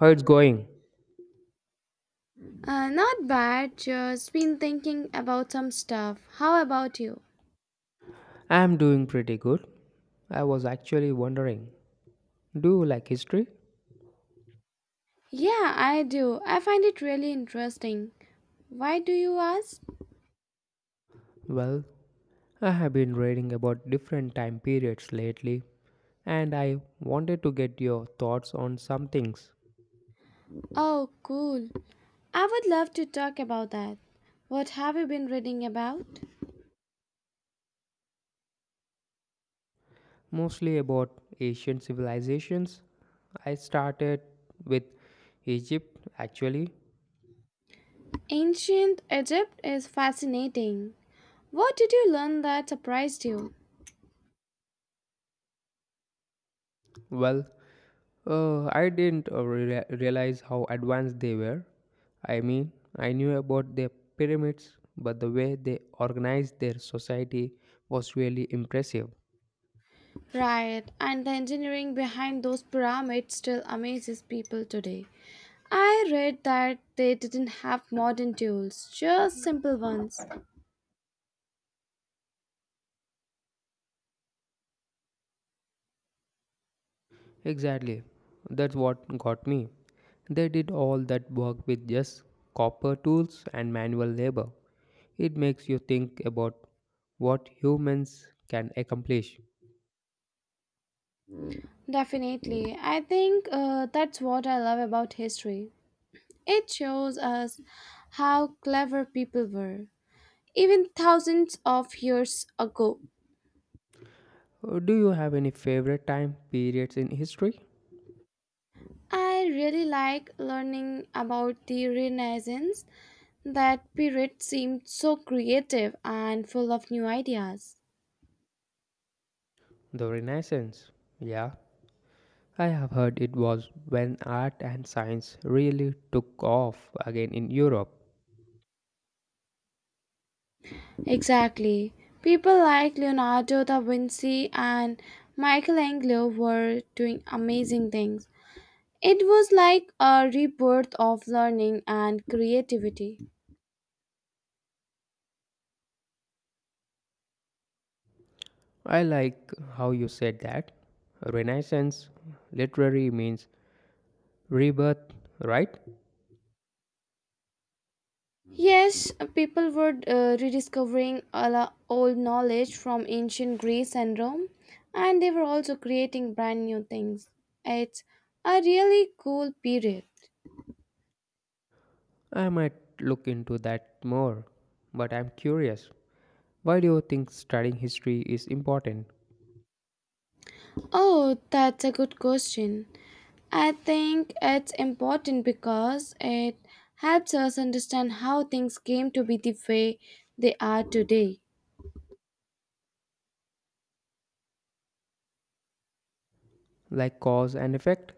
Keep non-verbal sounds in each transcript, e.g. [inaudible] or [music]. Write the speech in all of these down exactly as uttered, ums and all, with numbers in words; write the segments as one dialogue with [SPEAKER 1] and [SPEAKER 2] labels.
[SPEAKER 1] How it's going?
[SPEAKER 2] Uh, not bad, just been thinking about some stuff. How about you?
[SPEAKER 1] I'm doing pretty good. I was actually wondering, do you like history?
[SPEAKER 2] Yeah, I do. I find it really interesting. Why do you ask?
[SPEAKER 1] Well, I have been reading about different time periods lately, and I wanted to get your thoughts on some things,
[SPEAKER 2] Oh, cool. I would love to talk about that. What have you been reading about?
[SPEAKER 1] mostly about ancient civilizations. I started with Egypt actually.
[SPEAKER 2] Ancient Egypt is fascinating. What did you learn that surprised you?
[SPEAKER 1] Well, Uh, I didn't uh, rea- realize how advanced they were. I mean, I knew about their pyramids, but the way they organized their society was really impressive.
[SPEAKER 2] Right, and the engineering behind those pyramids still amazes people today. I read that they didn't have modern tools, just simple ones.
[SPEAKER 1] Exactly. That's what got me. They did all that work with just copper tools and manual labor. It makes you think about what humans can accomplish.
[SPEAKER 2] Definitely. I think uh, that's what I love about history. It shows us how clever people were, even thousands of years ago.
[SPEAKER 1] Uh, Do you have any favorite time periods in history?
[SPEAKER 2] I really like learning about the Renaissance. That period seemed so creative and full of new ideas.
[SPEAKER 1] The Renaissance. Yeah, I have heard it was when art and science really took off again in Europe.
[SPEAKER 2] Exactly. People like Leonardo da Vinci and Michelangelo were doing amazing things. It was like a rebirth of learning and creativity.
[SPEAKER 1] I like how you said that. Renaissance literally means rebirth, right?
[SPEAKER 2] Yes, people were uh, rediscovering a la- old knowledge from ancient Greece and Rome, and they were also creating brand new things. It's a really cool period.
[SPEAKER 1] I might look into that more, but I'm curious. Why do you think studying history is important?
[SPEAKER 2] Oh, that's a good question. I think it's important because it helps us understand how things came to be the way they are today.
[SPEAKER 1] Like cause and effect?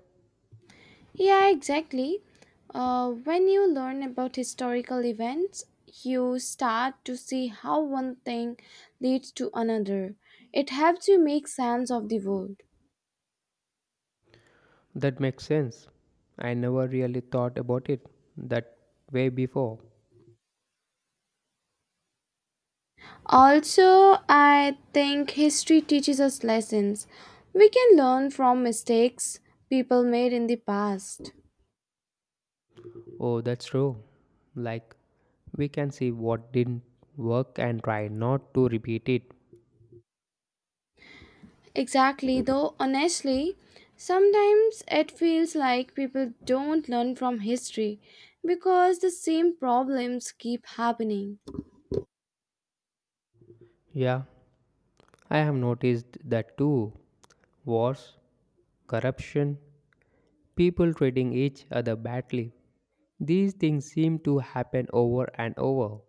[SPEAKER 2] Yeah, exactly. Uh, when you learn about historical events, you start to see how one thing leads to another. It helps you make sense of the world.
[SPEAKER 1] That makes sense. I never really thought about it that way before.
[SPEAKER 2] Also, I think history teaches us lessons. We can learn from mistakes people made in the past.
[SPEAKER 1] Oh, that's true. Like, we can see what didn't work and try not to repeat it.
[SPEAKER 2] Exactly, though, honestly, sometimes it feels like people don't learn from history because the same problems keep happening.
[SPEAKER 1] Yeah, I have noticed that too. Wars, corruption, people treating each other badly. These things seem to happen over and over.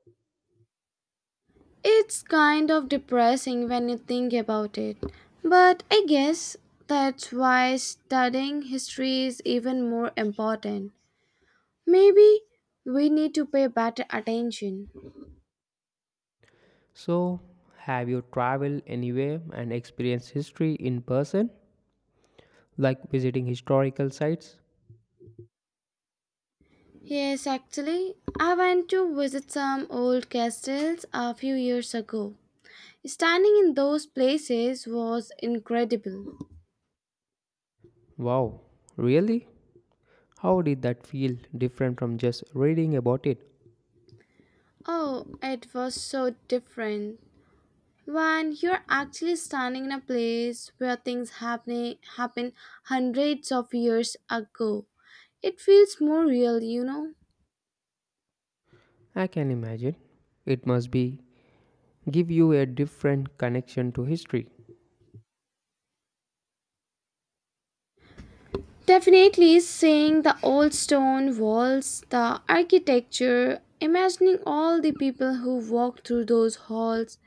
[SPEAKER 2] It's kind of depressing when you think about it, but I guess that's why studying history is even more important. Maybe we need to pay better attention.
[SPEAKER 1] So, have you traveled anywhere and experienced history in person? Like visiting historical sites?
[SPEAKER 2] Yes, actually, I went to visit some old castles a few years ago. Standing in those places was incredible.
[SPEAKER 1] Wow, really? How did that feel different from just reading about it?
[SPEAKER 2] Oh, it was so different when you're actually standing in a place where things happening happen hundreds of years ago, it feels more real you know
[SPEAKER 1] I can imagine. It must be give you a different connection to history.
[SPEAKER 2] Definitely, seeing the old stone walls, the architecture, imagining all the people who walked through those halls,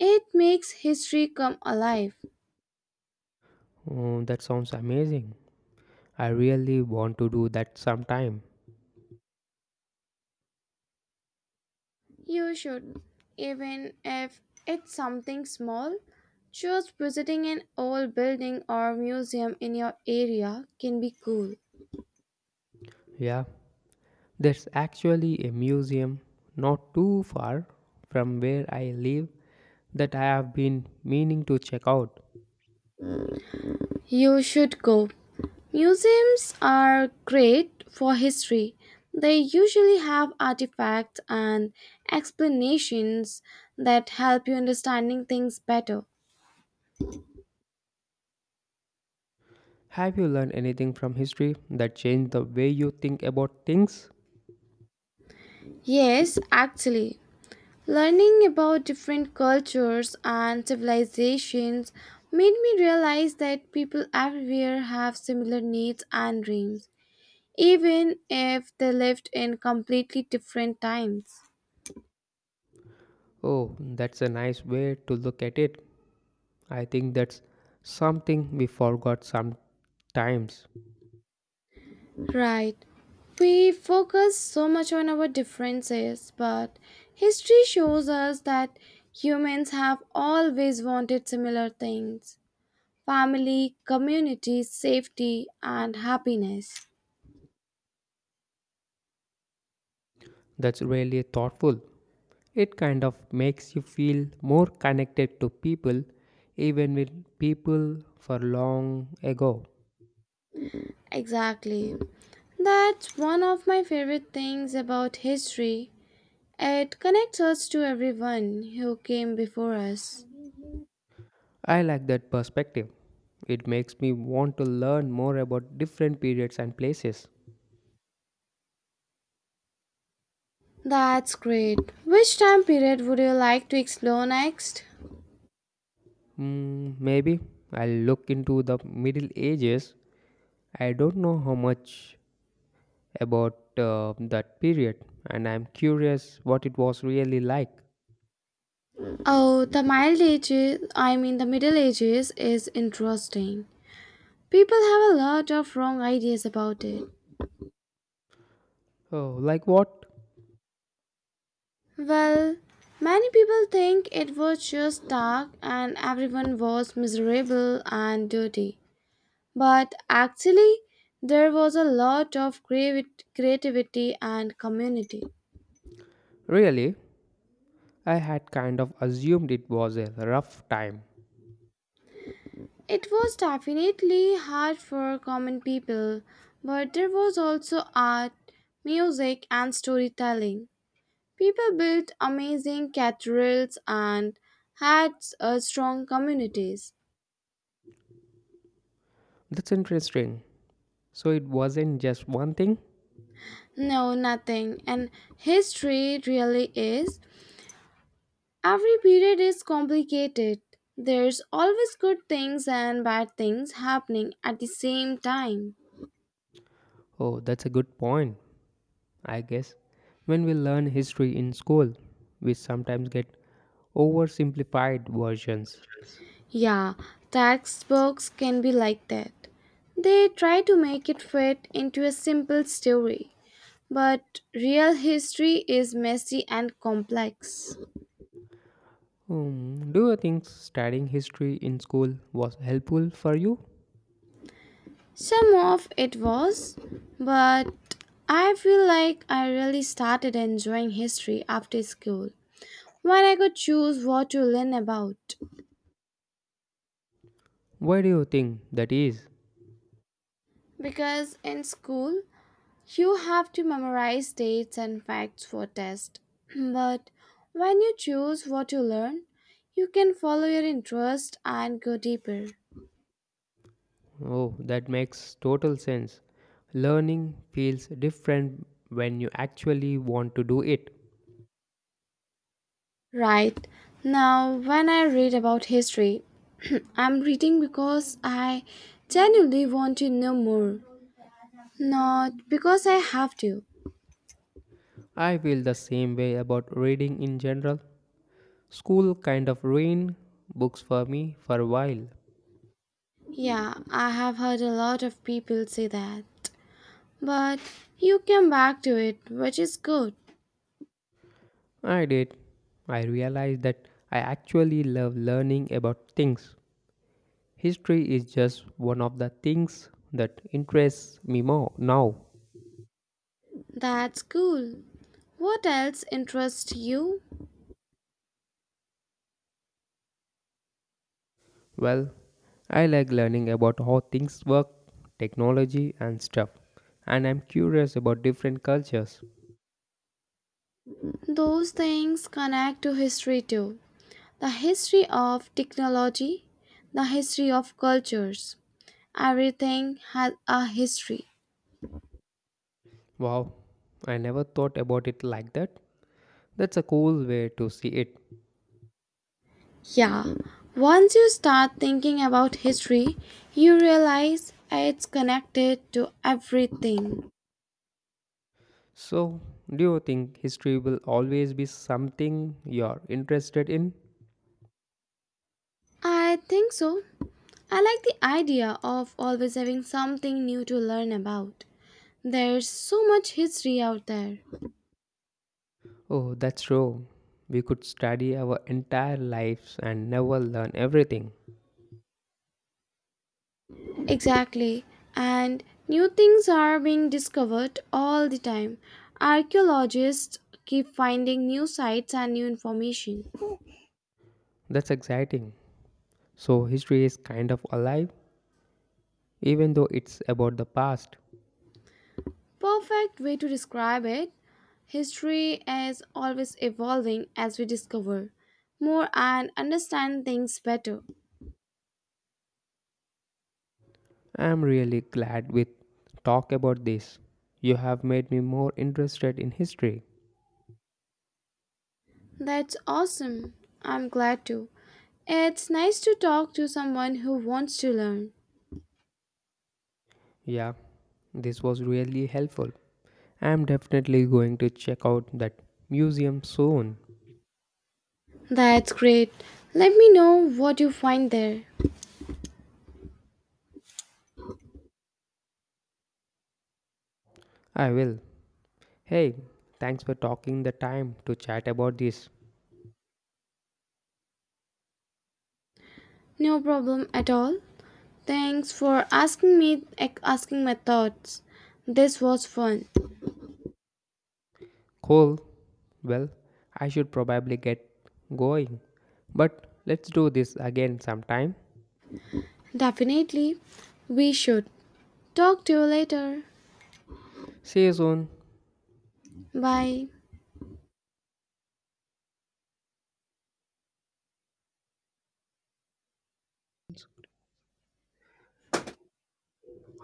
[SPEAKER 2] it makes history come alive.
[SPEAKER 1] Oh, that sounds amazing. I really want to do that sometime.
[SPEAKER 2] You should, even if it's something small, just visiting an old building or museum in your area can be cool.
[SPEAKER 1] Yeah, there's actually a museum not too far from where I live that I have been meaning to check out.
[SPEAKER 2] You should go. Museums are great for history. They usually have artifacts and explanations that help you understanding things better.
[SPEAKER 1] Have you learned anything from history that changed the way you think about things?
[SPEAKER 2] Yes, actually, learning about different cultures and civilizations made me realize that people everywhere have similar needs and dreams, even if they lived in completely different times.
[SPEAKER 1] Oh, that's a nice way to look at it. I think that's something we forgot sometimes.
[SPEAKER 2] Right. We focus so much on our differences, but history shows us that humans have always wanted similar things: family, community, safety, and happiness.
[SPEAKER 1] That's really thoughtful. It kind of makes you feel more connected to people, even with people for long ago.
[SPEAKER 2] Exactly. That's one of my favorite things about history. It connects us to everyone who came before us.
[SPEAKER 1] I like that perspective. It makes me want to learn more about different periods and places.
[SPEAKER 2] That's great. Which time period would you like to explore next?
[SPEAKER 1] Mm, maybe I'll look into the Middle Ages. I don't know how much about uh, that period, and I'm curious what it was really like.
[SPEAKER 2] Oh, the mild ages, I mean the middle ages is interesting. People have a lot of wrong ideas about it.
[SPEAKER 1] Oh, like what?
[SPEAKER 2] Well, many people think it was just dark and everyone was miserable and dirty. But actually, there was a lot of creavi- creativity and community.
[SPEAKER 1] Really? I had kind of assumed it was a rough time.
[SPEAKER 2] It was definitely hard for common people, but there was also art, music, and storytelling. People built amazing cathedrals and had uh, strong communities.
[SPEAKER 1] That's interesting. So it wasn't just one thing?
[SPEAKER 2] No, nothing. And history really is. Every period is complicated. There's always good things and bad things happening at the same time.
[SPEAKER 1] Oh, that's a good point, I guess. When we learn history in school, we sometimes get oversimplified versions.
[SPEAKER 2] Yeah, textbooks can be like that. They try to make it fit into a simple story, but real history is messy and complex.
[SPEAKER 1] Hmm, do you think studying history in school was helpful for you?
[SPEAKER 2] Some of it was, but I feel like I really started enjoying history after school when I could choose what to learn about.
[SPEAKER 1] Why do you think that is?
[SPEAKER 2] Because in school, you have to memorize dates and facts for tests. [clears throat] But when you choose what to learn, you can follow your interest and go deeper.
[SPEAKER 1] Oh, that makes total sense. Learning feels different when you actually want to do it.
[SPEAKER 2] Right. Now, when I read about history, [clears throat] I'm reading because I genuinely want to know more. Not because I have to.
[SPEAKER 1] I feel the same way about reading in general. School kind of ruined books for me for a while.
[SPEAKER 2] Yeah, I have heard a lot of people say that. But you came back to it, which is good.
[SPEAKER 1] I did. I realized that I actually love learning about things. History is just one of the things that interests me more now.
[SPEAKER 2] That's cool. What else interests you?
[SPEAKER 1] Well, I like learning about how things work, technology, and stuff. And I'm curious about different cultures.
[SPEAKER 2] Those things connect to history too. The history of technology, the history of cultures. Everything has a history.
[SPEAKER 1] Wow, I never thought about it like that. That's a cool way to see it.
[SPEAKER 2] Yeah, once you start thinking about history, you realize it's connected to everything.
[SPEAKER 1] So, do you think history will always be something you're interested in?
[SPEAKER 2] I think so. I like the idea of always having something new to learn about. There's so much history out there.
[SPEAKER 1] Oh, that's true. We could study our entire lives and never learn everything.
[SPEAKER 2] Exactly. And new things are being discovered all the time. Archaeologists keep finding new sites and new information.
[SPEAKER 1] That's exciting. So, history is kind of alive, even though it's about the past.
[SPEAKER 2] Perfect way to describe it. History is always evolving as we discover more and understand things better.
[SPEAKER 1] I'm really glad we talk about this. You have made me more interested in history.
[SPEAKER 2] That's awesome. I'm glad to. It's nice to talk to someone who wants to learn.
[SPEAKER 1] Yeah, this was really helpful. I'm definitely going to check out that museum soon.
[SPEAKER 2] That's great. Let me know what you find there.
[SPEAKER 1] I will. Hey, thanks for taking the time to chat about this.
[SPEAKER 2] No problem at all. Thanks for asking me ac- asking my thoughts. This was fun.
[SPEAKER 1] Cool. Well, I should probably get going. But let's do this again sometime.
[SPEAKER 2] Definitely. We should. Talk to you later.
[SPEAKER 1] See you soon.
[SPEAKER 2] Bye.